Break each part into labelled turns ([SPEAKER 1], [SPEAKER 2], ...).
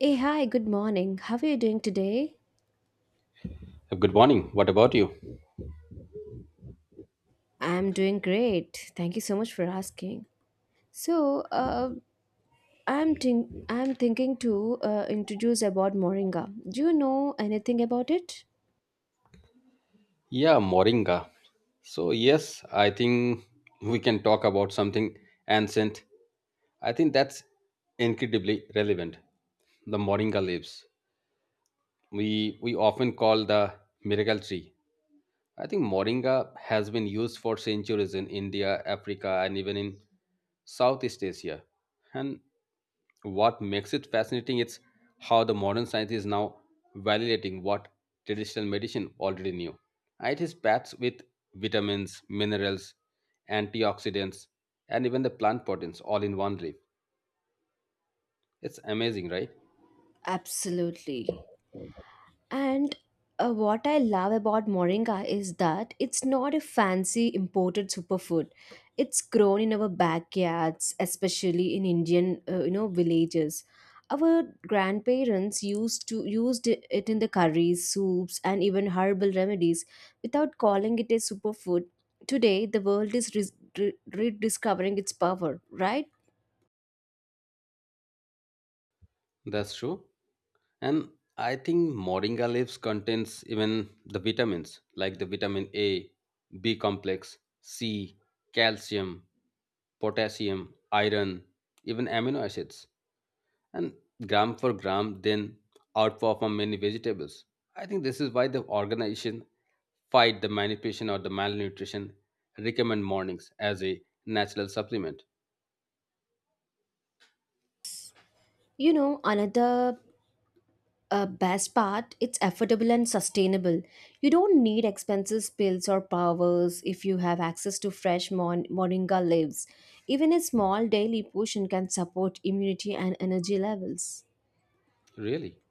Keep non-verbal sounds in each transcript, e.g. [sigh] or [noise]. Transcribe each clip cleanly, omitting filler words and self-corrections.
[SPEAKER 1] Hey, hi, good morning. How are you doing today?
[SPEAKER 2] Good morning. What about you?
[SPEAKER 1] I'm doing great. Thank you so much for asking. So, uh, I'm thinking to introduce about moringa. Do you know anything about it?
[SPEAKER 2] Yeah, Moringa. So, yes, I think we can talk about something ancient. I think that's incredibly relevant. The Moringa leaves. We often call the miracle tree. I think Moringa has been used for centuries in India, Africa, and even in Southeast Asia. And what makes it fascinating is how the modern science is now validating what traditional medicine already knew. It is packed with vitamins, minerals, antioxidants, and even the plant proteins all in one leaf. It's amazing, right?
[SPEAKER 1] Absolutely. And what I love about moringa is that it's not a fancy imported superfood. It's grown in our backyards, especially in Indian, villages. Our grandparents used to used it in the curries, soups, and even herbal remedies without calling it a superfood. Today, the world is rediscovering its power, right?
[SPEAKER 2] That's true. And I think moringa leaves contains even the vitamins like the vitamin A, B complex, C, calcium, potassium, iron, even amino acids and gram for gram then outperform many vegetables. I think this is why the organization fight the manipulation or the malnutrition recommend mornings as a natural supplement.
[SPEAKER 1] You know, another best part, it's affordable and sustainable. You don't need expensive pills or powders if you have access to fresh moringa leaves. Even a small daily portion can support immunity and energy levels.
[SPEAKER 2] Really?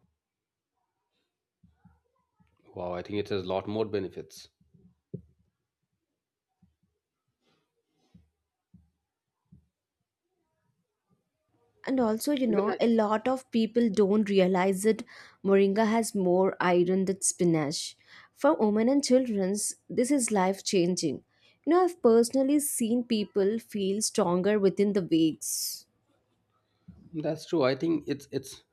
[SPEAKER 2] Wow, I think it has a lot more benefits.
[SPEAKER 1] And also, you
[SPEAKER 2] Even
[SPEAKER 1] know,
[SPEAKER 2] I,
[SPEAKER 1] a lot of people don't realize that moringa has more iron than spinach. For women and children, this is life changing. You know, I've personally seen people feel stronger within the weeks.
[SPEAKER 2] that's true. I think it's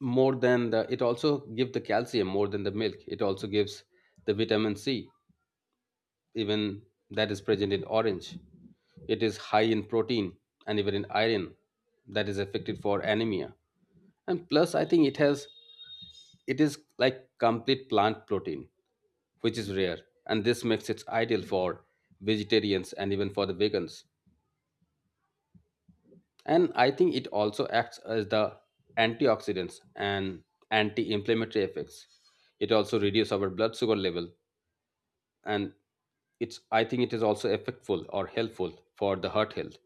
[SPEAKER 2] more than the it also gives the calcium more than the milk. It also gives the vitamin C, even that is present in orange. It is high in protein and even in iron that is affected for anemia. And plus I think it has it is like complete plant protein which is rare and this makes it ideal for vegetarians and even for the vegans. And I think it also acts as the antioxidants and anti-inflammatory effects. It also reduces our blood sugar level. And it's I think it is also effectful or helpful for the heart health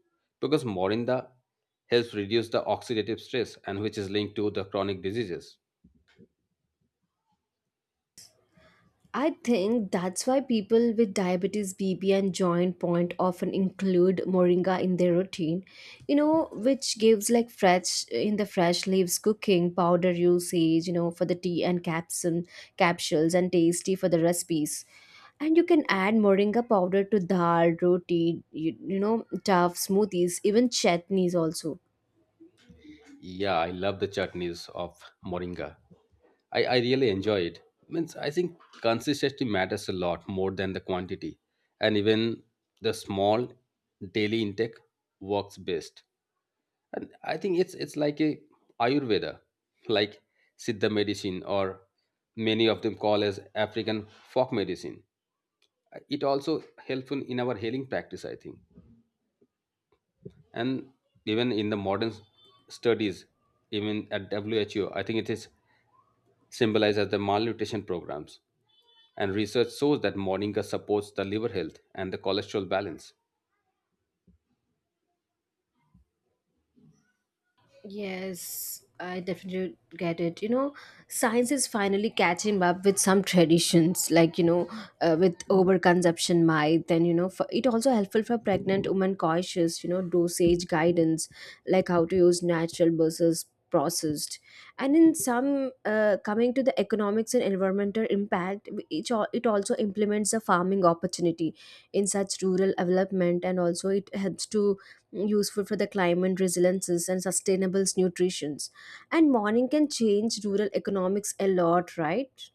[SPEAKER 2] because morinda helps reduce the oxidative stress and which is linked to the chronic diseases.
[SPEAKER 1] I think that's why people with diabetes, BP, and joint point often include moringa in their routine, you know, which gives like fresh in the fresh leaves cooking powder usage, you know, for the tea and capsules and tasty for the recipes. And you can add moringa powder to dal, roti, tough smoothies, even chutneys also.
[SPEAKER 2] Yeah, I love the chutneys of moringa. I really enjoy it. Means I think consistency matters a lot more than the quantity. And even the small daily intake works best. And I think it's like a Ayurveda, like Siddha medicine or many of them call as African folk medicine. It also helpful in our healing practice, I think. And even in the modern studies, even at WHO, I think it is symbolized as the malnutrition programs. And research shows that moringa supports the liver health and the cholesterol balance.
[SPEAKER 1] Yes, I definitely get it. You know, science is finally catching up with some traditions, like, you know, with overconsumption myth, and you know, for, it also helpful for pregnant women cautious. You know, dosage guidance, like how to use natural versus processed. And in some, coming to the economics and environmental impact, it also implements the farming opportunity in such rural development. And also it helps to useful for the climate resiliences and sustainable nutritions. And morning can change rural economics a lot, right?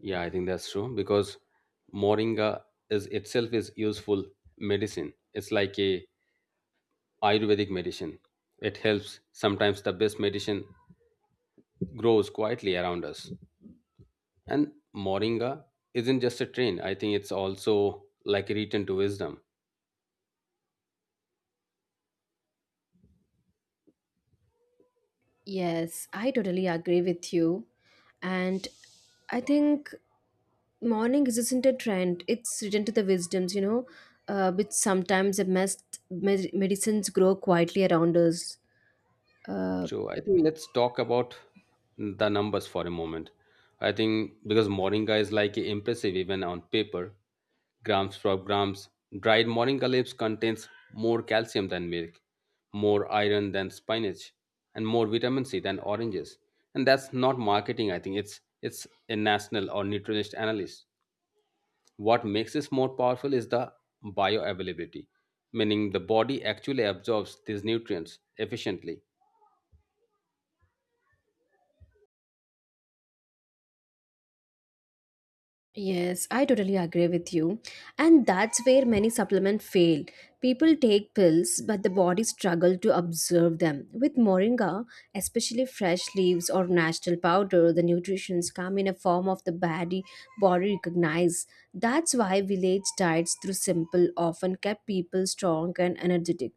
[SPEAKER 2] Yeah, I think that's true because moringa is itself is useful medicine. It's like a Ayurvedic medicine. It helps sometimes the best medicine grows quietly around us. And moringa isn't just a trend. I think it's also like a return to wisdom.
[SPEAKER 1] Yes, I totally agree with you. And I think morning isn't a trend, it's written to the wisdoms, you know, which sometimes the best medicines grow quietly around us. uh,
[SPEAKER 2] So I think let's talk about the numbers for a moment. I think because Moringa is like impressive even on paper, grams per grams. Dried Moringa leaves contains more calcium than milk, more iron than spinach, and more vitamin C than oranges. And that's not marketing. I think it's a national or nutritionist analyst. What makes this more powerful is the bioavailability, meaning the body actually absorbs these nutrients efficiently.
[SPEAKER 1] yes, I totally agree with you. And that's where many supplements fail. People take pills but the body struggles to absorb them. With moringa, especially fresh leaves or natural powder, the nutrients come in a form of the body recognize. That's why village diets through simple often kept people strong and energetic.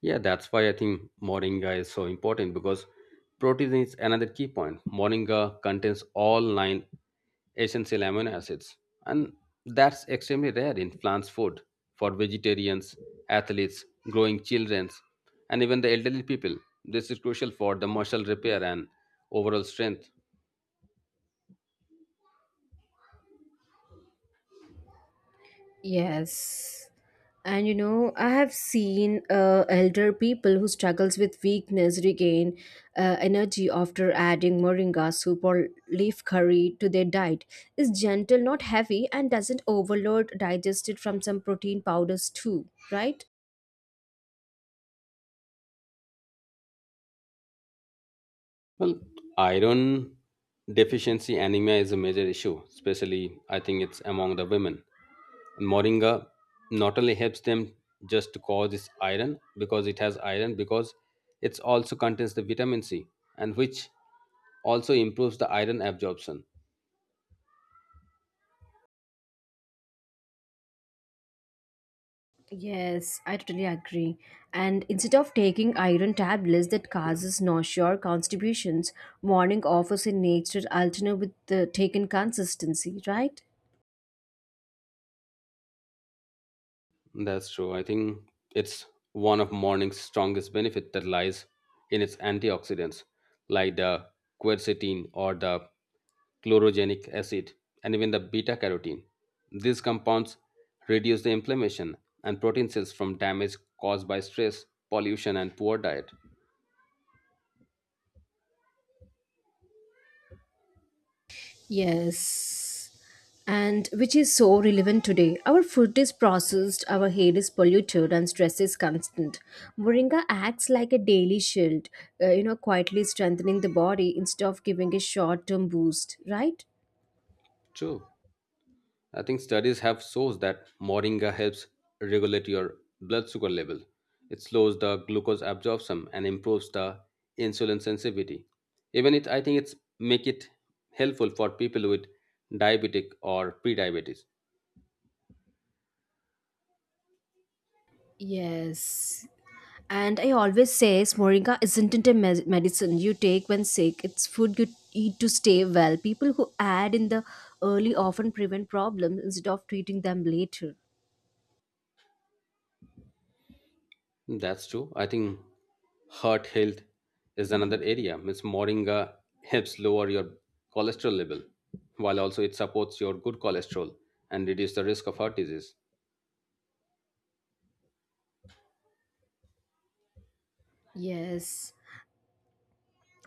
[SPEAKER 2] Yeah, that's why I think moringa is so important because protein is another key point. Moringa contains all nine essential amino acids, and that's extremely rare in plants food for vegetarians, athletes, growing children, and even the elderly people. This is crucial for the muscle repair and overall strength.
[SPEAKER 1] Yes. And you know, I have seen elder people who struggles with weakness regain energy after adding moringa soup or leaf curry to their diet. It's gentle, not heavy, and doesn't overload digested from some protein powders too, right?
[SPEAKER 2] Well, iron deficiency anemia is a major issue, especially I think it's among the women. Moringa not only helps them just to cause this iron because it has iron because it also contains the vitamin C and which also improves the iron absorption.
[SPEAKER 1] Yes, I totally agree. And instead of taking iron tablets that causes nausea or constipations, morning offers a natural alternative with the taken consistency, right?
[SPEAKER 2] That's true. I think it's one of morning's strongest benefit that lies in its antioxidants, like the quercetin or the chlorogenic acid, and even the beta carotene. These compounds reduce the inflammation and protein cells from damage caused by stress, pollution, and poor diet.
[SPEAKER 1] Yes. And which is so relevant today. Our food is processed, our hair is polluted, and stress is constant. Moringa acts like a daily shield, quietly strengthening the body instead of giving a short term boost, right?
[SPEAKER 2] True. I think studies have shows that moringa helps regulate your blood sugar level. It slows the glucose absorption and improves the insulin sensitivity. Even it, I think it's make it helpful for people with diabetic or pre-diabetes.
[SPEAKER 1] Yes. And I always say, Moringa isn't it a medicine you take when sick, it's food you eat to stay well. People who add in the early often prevent problems instead of treating them later.
[SPEAKER 2] That's true. I think heart health is another area. Miss moringa helps lower your cholesterol level, while also it supports your good cholesterol and reduce the risk of heart disease.
[SPEAKER 1] Yes.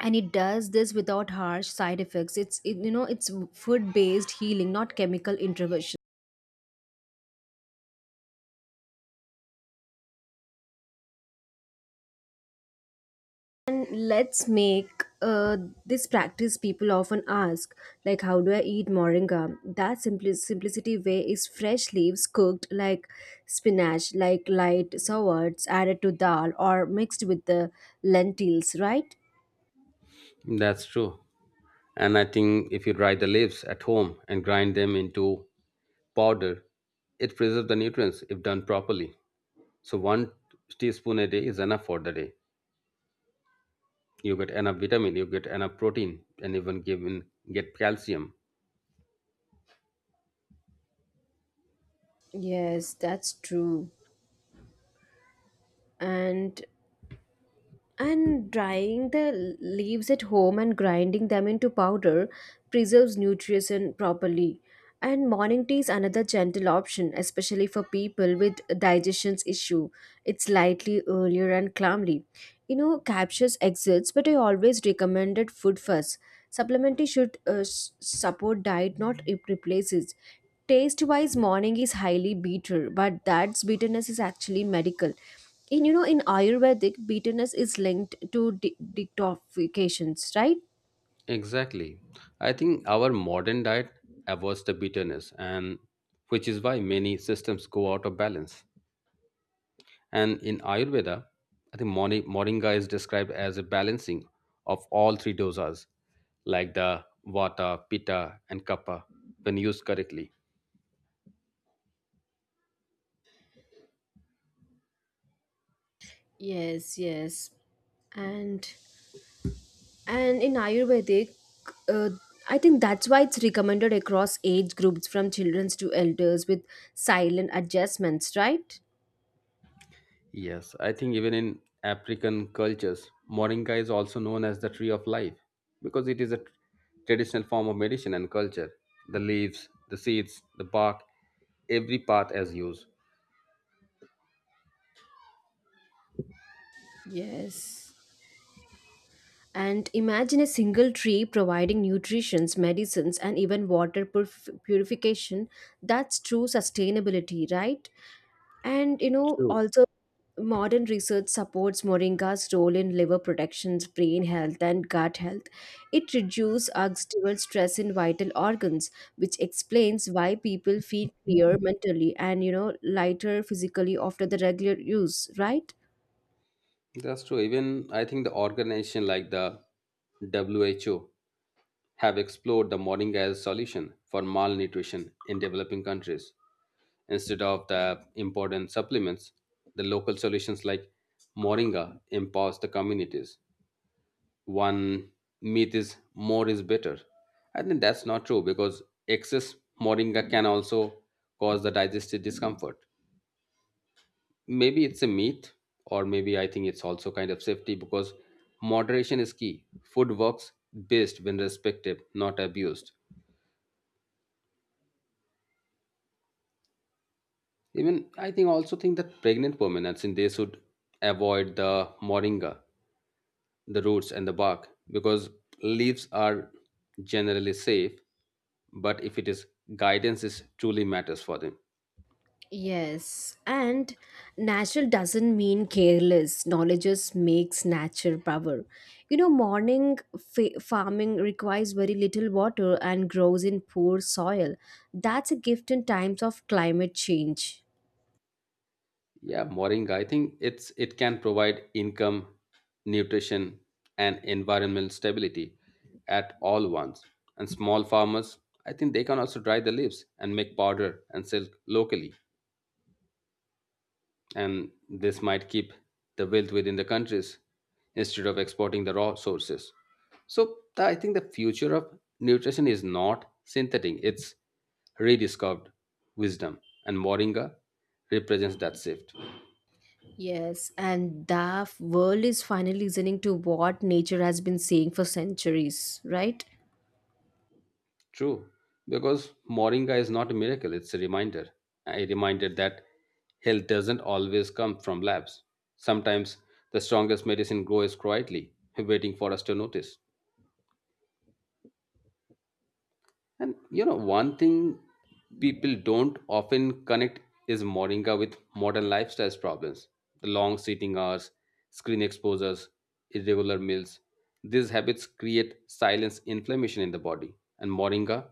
[SPEAKER 1] And it does this without harsh side effects. It's it, you know It's food based healing, not chemical intervention. And let's make this practice. People often ask, like, how do I eat moringa? That simplicity way is fresh leaves cooked like spinach, like light sours added to dal or mixed with the lentils, right?
[SPEAKER 2] That's true. And I think if you dry the leaves at home and grind them into powder, it preserves the nutrients if done properly. So one teaspoon a day is enough for the day. You get enough vitamin, you get enough protein, and even given get calcium.
[SPEAKER 1] Yes, that's true. And And drying the leaves at home and grinding them into powder preserves nutrition properly. And morning tea is another gentle option, especially for people with digestion issue. It's lightly, earlier, and calmly. You know, capsules exist, but I always recommended food first. Supplement tea should support diet, not replace it. Taste wise, morning is highly bitter, but that's bitterness is actually medical in, you know, in ayurvedic bitterness is linked to detoxifications, right?
[SPEAKER 2] Exactly. I think our modern diet avoids the bitterness and which is why many systems go out of balance. And in Ayurveda, I think moringa is described as a balancing of all three dosas, like the vata, pitta, and kapha, when used correctly.
[SPEAKER 1] Yes, yes. And and in ayurvedic, uh, I think that's why it's recommended across age groups from children to elders with silent adjustments, right?
[SPEAKER 2] Yes, I think even in African cultures, moringa is also known as the tree of life because it is a traditional form of medicine and culture. The leaves, the seeds, the bark, every part as used.
[SPEAKER 1] Yes. And imagine a single tree providing nutrition medicines and even water purification. That's true sustainability, right? And you know,
[SPEAKER 2] True.
[SPEAKER 1] also modern research supports moringa's role in liver protection, brain health, and gut health. It reduces oxidative stress in vital organs, which explains why people feel clear mentally and, you know, lighter physically after the regular use, right?
[SPEAKER 2] That's true. Even I think the organization like the WHO have explored the morning as solution for malnutrition in developing countries. Instead of the important supplements, the local solutions like moringa empowers the communities. One myth is more is better. I think that's not true because excess moringa can also cause the digestive discomfort. Maybe it's a myth, or maybe I think it's also kind of safety because moderation is key. Food works best when respected, not abused. Even I think also think that pregnant women, I think they should avoid the moringa, the roots and the bark because leaves are generally safe. But if it is guidance, is truly matters for them.
[SPEAKER 1] Yes, and natural doesn't mean careless. Knowledge just makes nature power. You know, morning farming requires very little water and grows in poor soil. That's a gift in times of climate change.
[SPEAKER 2] Yeah, moringa. I think it's it can provide income, nutrition, and environmental stability at all once. And small farmers, I think they can also dry the leaves and make powder and sell locally. And this might keep the wealth within the countries instead of exporting the raw sources. So I think the future of nutrition is not synthetic, it's rediscovered wisdom. And Moringa represents that shift.
[SPEAKER 1] Yes, and the world is finally listening to what nature has been saying for centuries, right?
[SPEAKER 2] True, because Moringa is not a miracle, it's a reminder. A reminder that health doesn't always come from labs. Sometimes the strongest medicine grows quietly, waiting for us to notice. And one thing people don't often connect is Moringa with modern lifestyles problems. The long sitting hours, screen exposures, irregular meals. These habits create silence inflammation in the body. And Moringa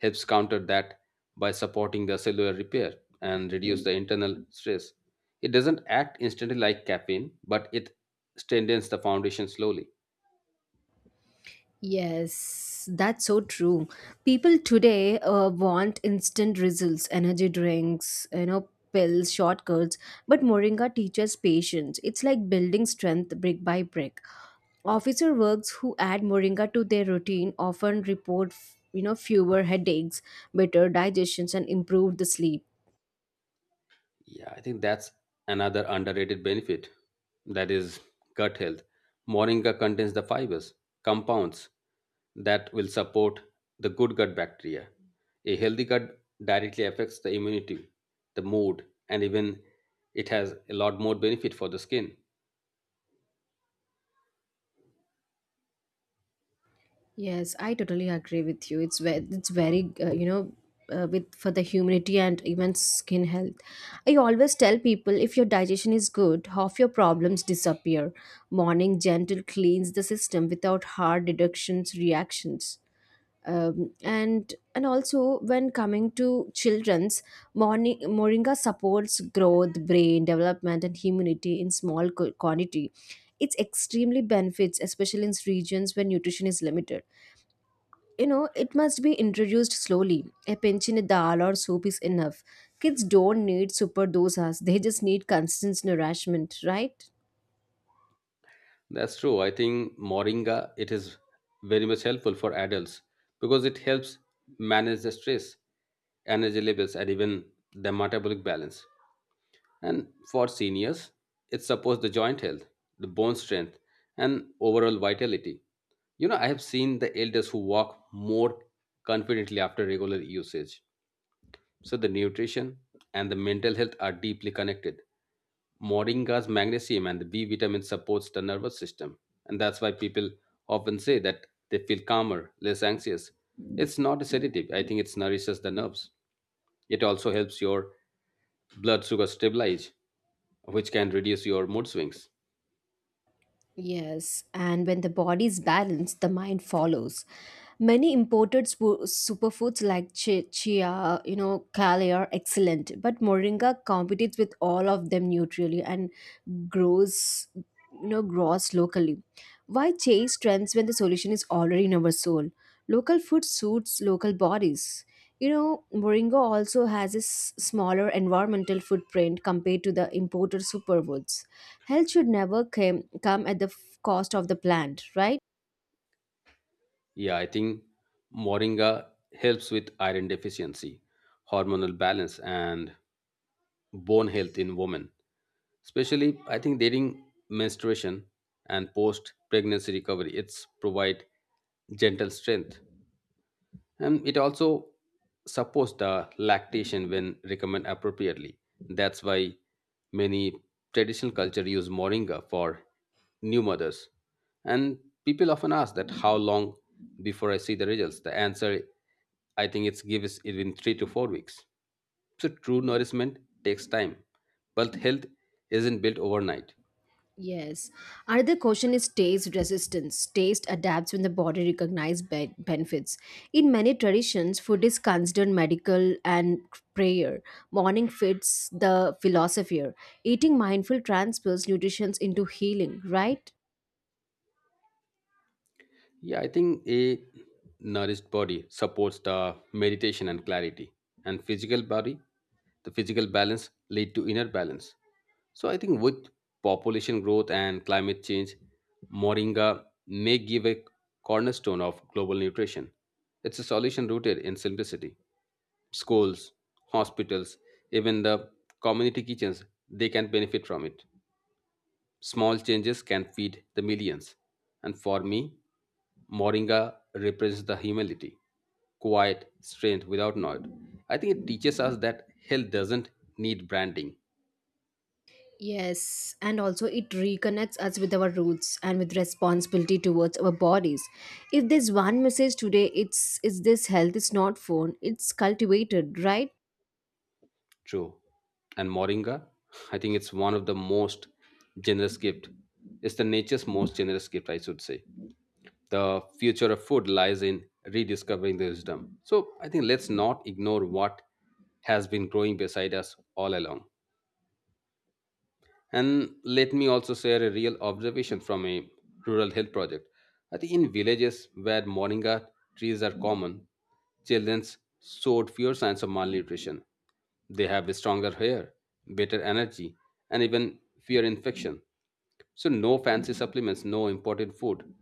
[SPEAKER 2] helps counter that by supporting the cellular repair and reduce the internal stress. It doesn't act instantly like caffeine, but it strengthens the foundation slowly.
[SPEAKER 1] Yes, that's so true. People today want instant results, energy drinks, you know, pills, shortcuts, but Moringa teaches patience. It's like building strength brick by brick. Officer works who add Moringa to their routine often report, fewer headaches, better digestions, and improved the sleep.
[SPEAKER 2] Yeah, I think that's another underrated benefit. That is gut health. Moringa contains the fibers, compounds that will support the good gut bacteria. A healthy gut directly affects the immunity, the mood, and even it has a lot more benefit for the skin.
[SPEAKER 1] Yes, I totally agree with you. It's very, you know, With for the humidity and even skin health. I always tell people, if your digestion is good, half your problems disappear. Morning gentle cleans the system without hard deductions reactions. And also when coming to children's, morning moringa supports growth, brain development, and immunity in small quantity. It's extremely benefits, especially in regions where nutrition is limited. You know, it must be introduced slowly. A pinch in a dal or soup is enough. Kids don't need super dosas, they just need constant nourishment, right?
[SPEAKER 2] That's true. I think moringa it is very much helpful for adults because it helps manage the stress, energy levels, and even the metabolic balance. And for seniors, it supports the joint health, the bone strength, and overall vitality. You know, I have seen the elders who walk more confidently after regular usage. So the nutrition and the mental health are deeply connected. Moringa's magnesium and the B vitamin supports the nervous system, and that's why people often say that they feel calmer, less anxious. It's not a sedative. I think it nourishes the nerves. It also helps your blood sugar stabilize which can reduce your mood swings.
[SPEAKER 1] Yes, and when the body is balanced, the mind follows. Many imported superfoods like chia, you know, kale are excellent, but moringa competes with all of them neutrally and grows, grows locally. Why chase trends when the solution is already in our soul? Local food suits local bodies. You know, moringa also has a smaller environmental footprint compared to the imported superfoods. Health should never come at the cost of the plant, right?
[SPEAKER 2] Yeah, I think moringa helps with iron deficiency, hormonal balance, and bone health in women, especially I think during menstruation and post pregnancy recovery. It's provide gentle strength and it also supports the lactation when recommended appropriately. That's why many traditional culture use moringa for new mothers. And people often ask that how long before I see the results. The answer, I think, it's gives it in 3 to 4 weeks. So true nourishment takes time, but health isn't built overnight.
[SPEAKER 1] Yes. Another question is taste resistance. Taste adapts when the body recognizes benefits. In many traditions, food is considered medical and prayer. Morning fits the philosopher. Eating mindful transfers nutrition into healing, right?
[SPEAKER 2] Yeah, I think a nourished body supports the meditation and clarity, and physical body, the physical balance lead to inner balance. So I think with population growth and climate change, moringa may give a cornerstone of global nutrition. It's a solution rooted in simplicity. Schools, hospitals, even the community kitchens, they can benefit from it. Small changes can feed the millions. And for me, Moringa represents the humility, quiet strength without noise. I think it teaches us that health doesn't need branding.
[SPEAKER 1] Yes, and also it reconnects us with our roots and with responsibility towards our bodies. If there's one message today, it's this health is not phone, it's cultivated, right?
[SPEAKER 2] True. And Moringa, I think it's one of the most generous gift. It's the nature's most generous gift, I should say. The future of food lies in rediscovering the wisdom. So I think let's not ignore what has been growing beside us all along. And let me also share a real observation from a rural health project. I think in villages where moringa trees are common, children showed fewer signs of malnutrition. They have stronger hair, better energy, and even fewer infection. So no fancy supplements, no imported food,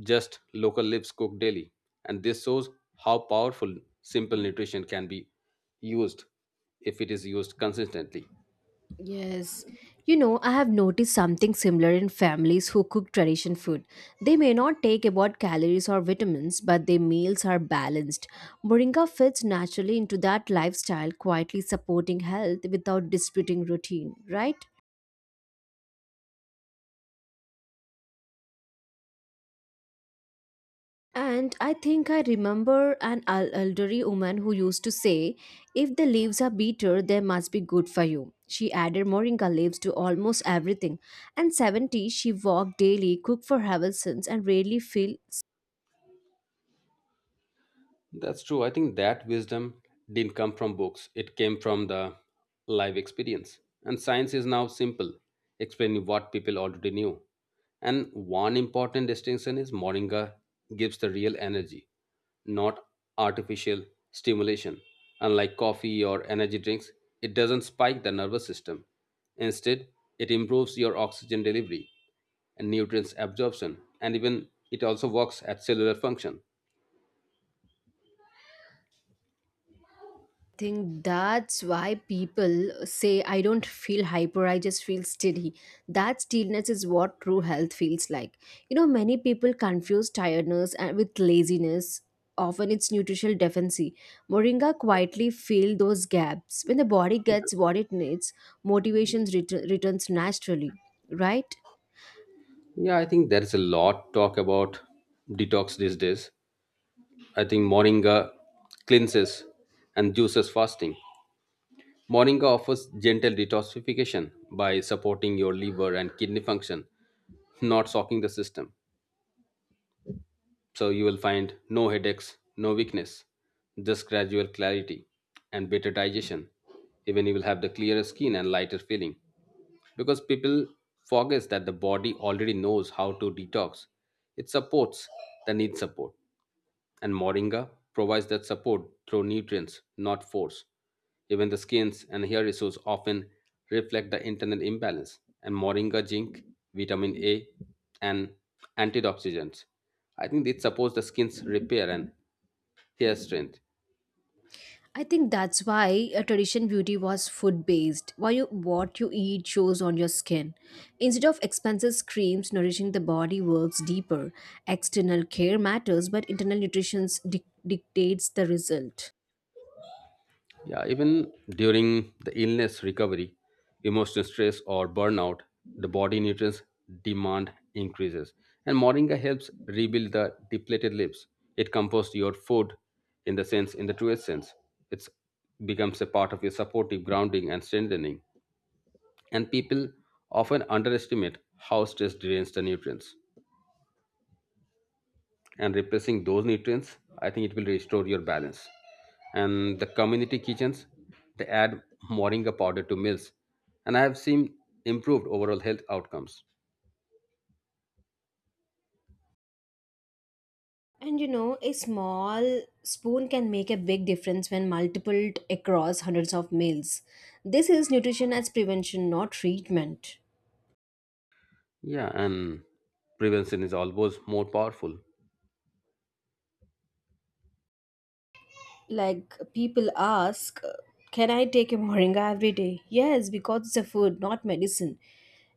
[SPEAKER 2] just local leaves cooked daily. And this shows how powerful simple nutrition can be used if it is used consistently.
[SPEAKER 1] Yes. You know, I have noticed something similar in families who cook tradition food. They may not take about calories or vitamins, but their meals are balanced. Moringa fits naturally into that lifestyle, quietly supporting health without disputing routine, right? And I think I remember an elderly woman who used to say, if the leaves are bitter, they must be good for you. She added moringa leaves to almost everything. And 70, she walked daily, cooked for Havelsons, and rarely feel
[SPEAKER 2] That's true. I think that wisdom didn't come from books, it came from the live experience. And science is now simple, explaining what people already knew. And one important distinction is Moringa gives the real energy, not artificial stimulation. Unlike coffee or energy drinks, it doesn't spike the nervous system. Instead, it improves your oxygen delivery and nutrients absorption, and even it also works at cellular function.
[SPEAKER 1] think that's why people say, I don't feel hyper, I just feel steady. That stillness is what true health feels like. You know, many people confuse tiredness and with laziness. Often it's nutritional deficiency. Moringa quietly fills those gaps. When the body gets what it needs, motivation returns naturally, right?
[SPEAKER 2] Yeah, I think there is a lot talk about detox these days. I think Moringa cleanses and juices fasting. Moringa offers gentle detoxification by supporting your liver and kidney function, not shocking the system. So you will find no headaches, no weakness, just gradual clarity and better digestion. Even you will have the clearer skin and lighter feeling. Because people forgets that the body already knows how to detox. It supports the need support and moringa provides that support through nutrients, not force. Even the skins and hair issues often reflect the internal imbalance, and moringa zinc, vitamin A, and antioxidants. I think it supports the skin's repair and hair strength.
[SPEAKER 1] I think that's why a tradition beauty was food based. What you eat shows on your skin. Instead of expensive creams, nourishing the body works deeper. External care matters, but internal nutrition dictates the result.
[SPEAKER 2] Yeah, even during the illness recovery, emotional stress or burnout, the body nutrients demand increases. And Moringa helps rebuild the depleted lips. It composts your food in the sense, in the truest sense. It becomes a part of your supportive grounding and strengthening. And people often underestimate how stress drains the nutrients, and replacing those nutrients, I think it will restore your balance. And the community kitchens, they add moringa powder to meals, and I have seen improved overall health outcomes.
[SPEAKER 1] And you know, a small spoon can make a big difference when multiplied across hundreds of meals. This is nutrition as prevention, not treatment.
[SPEAKER 2] Yeah, and prevention is always more powerful.
[SPEAKER 1] Like, people ask, can I take a moringa every day? Yes, because it's a food, not medicine.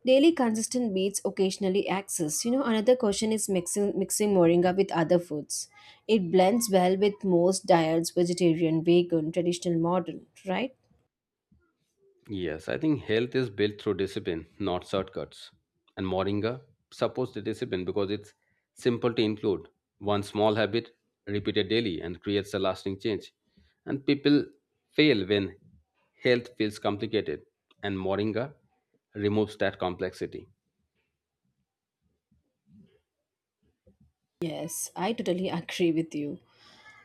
[SPEAKER 1] Daily consistent beats occasionally access. You know, another question is mixing moringa with other foods. It blends well with most diets, vegetarian, vegan, traditional, modern, right?
[SPEAKER 2] Yes, I think health is built through discipline, not shortcuts. And Moringa supports the discipline because it's simple to include. One small habit repeated daily and creates a lasting change. And people fail when health feels complicated, and Moringa removes that complexity.
[SPEAKER 1] Yes, I totally [laughs] agree with you.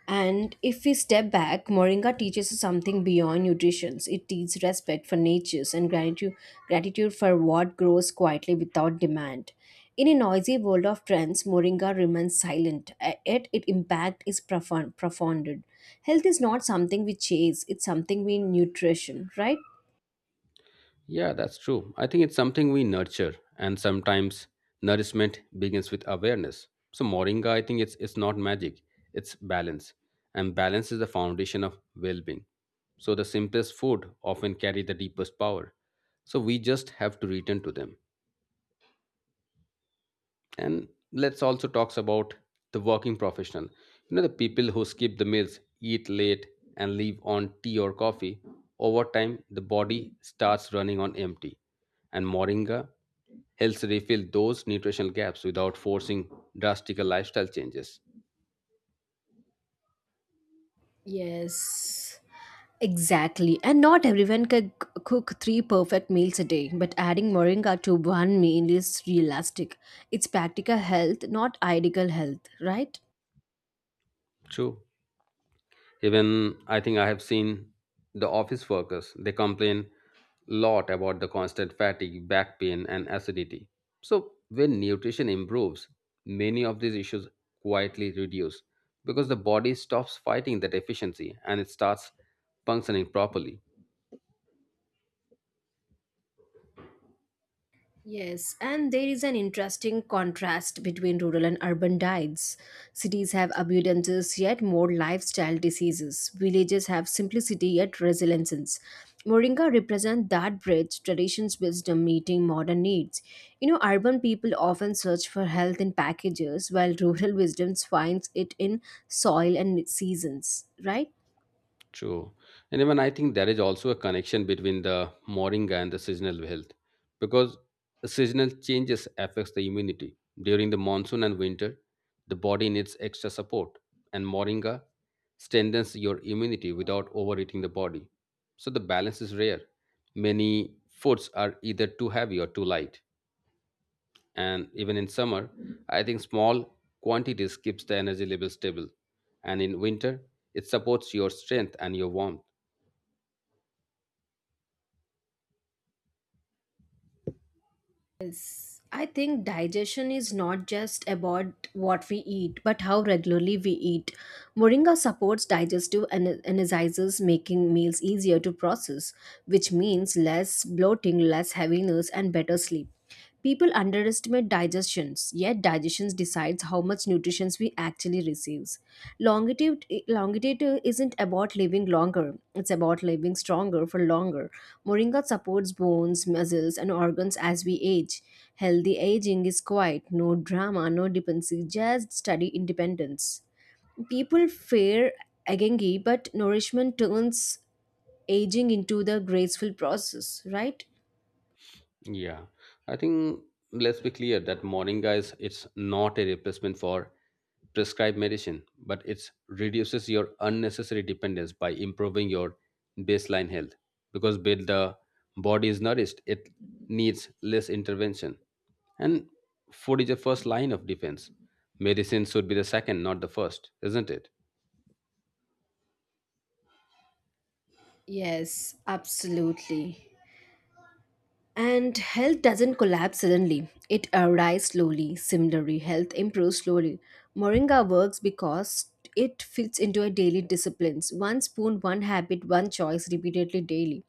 [SPEAKER 1] And if we step back, Moringa teaches us something beyond nutrition. It teaches respect for natures and gratitude for what grows quietly without demand. In a noisy world of trends, Moringa remains silent, yet its impact is profound. Profounded. Health is not something we chase, it's something we nutrition, right?
[SPEAKER 2] Yeah, that's true. I think it's something we nurture, and sometimes nourishment begins with awareness. So moringa, I think it's not magic; it's balance, and balance is the foundation of well-being. So the simplest food often carry the deepest power. So we just have to return to them, and let's also talks about the working professional, you know, the people who skip the meals, eat late, and leave on tea or coffee. Over time the body starts running on empty, and moringa helps refill those nutritional gaps without forcing drastic lifestyle changes.
[SPEAKER 1] Yes. Exactly. And not everyone can cook three perfect meals a day, but adding moringa to one meal is realistic. It's practical health, not ideal health, right?
[SPEAKER 2] True. Even I think I have seen the office workers, they complain lot about the constant fatigue, back pain, and acidity. So, when nutrition improves, many of these issues quietly reduce because the body stops fighting the deficiency and it starts functioning properly.
[SPEAKER 1] Yes, and there is an interesting contrast between rural and urban diets. Cities have abundances yet more lifestyle diseases. Villages have simplicity yet resilience. Moringa represents that bridge, tradition's wisdom meeting modern needs. You know, urban people often search for health in packages, while rural [laughs] wisdom finds it in soil and seasons, right?
[SPEAKER 2] True. And even I think there is also a connection between the moringa and the seasonal health because the seasonal changes affects the immunity. During the monsoon and winter, the body needs extra support, and moringa strengthens your immunity without overeating the body. So the balance is rare. Many foods are either too heavy or too light. And even in summer, I think small quantities keeps the energy level stable. And in winter, it supports your strength and your warmth.
[SPEAKER 1] Yes, I think digestion is not just about what we eat, but how regularly we eat. Moringa supports digestive and energizes, making meals easier to process, which means less bloating, less heaviness, and better sleep. People underestimate digestions, yet digestion decides how much nutrition we actually receive. Longitude isn't about living longer; it's about living stronger for longer. Moringa supports bones, muscles, and organs as we age. Healthy aging is quiet, no drama, no dependency, just study independence. People fear agengi, but nourishment turns aging into the graceful process, right?
[SPEAKER 2] Yeah, I think let's be clear that morning guys, it's not a replacement for prescribed medicine, but it reduces your unnecessary dependence by improving your baseline health. Because when the body is nourished, it needs less intervention. And food is the first line of defense. Medicine should be the second, not the first, isn't it?
[SPEAKER 1] Yes, absolutely. And health doesn't collapse suddenly, it arrives slowly. Similarly, health improves slowly. Moringa works because it fits into a daily disciplines. One spoon, one habit, one choice repeatedly daily.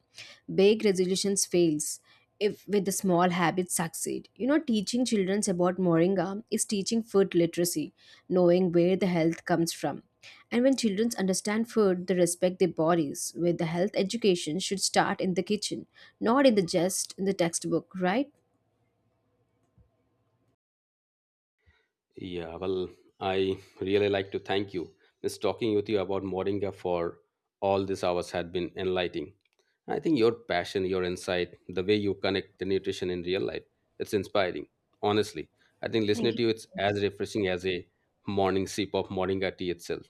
[SPEAKER 1] Big resolutions fails if with the small habits succeed. You know, teaching children about Moringa is teaching food literacy, knowing where the health comes from. And when children understand food, they respect their bodies, where the health education should start in the kitchen, not in the just in the textbook, right?
[SPEAKER 2] Yeah, well, I really like to thank you. Miss talking with you about Moringa for all these hours had been enlightening. I think your passion, your insight, the way you connect the nutrition in real life, it's inspiring. Honestly, I think
[SPEAKER 1] Thank
[SPEAKER 2] listening
[SPEAKER 1] you.
[SPEAKER 2] to you, it's as refreshing as a morning sip of Moringa tea itself.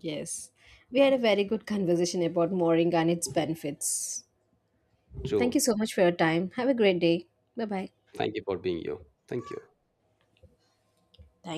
[SPEAKER 1] Yes. We had a very good conversation about mooring and its benefits. Thank you
[SPEAKER 2] So,
[SPEAKER 1] so much for your time. Have a great day. Bye bye.
[SPEAKER 2] thank you for being you. Thank you.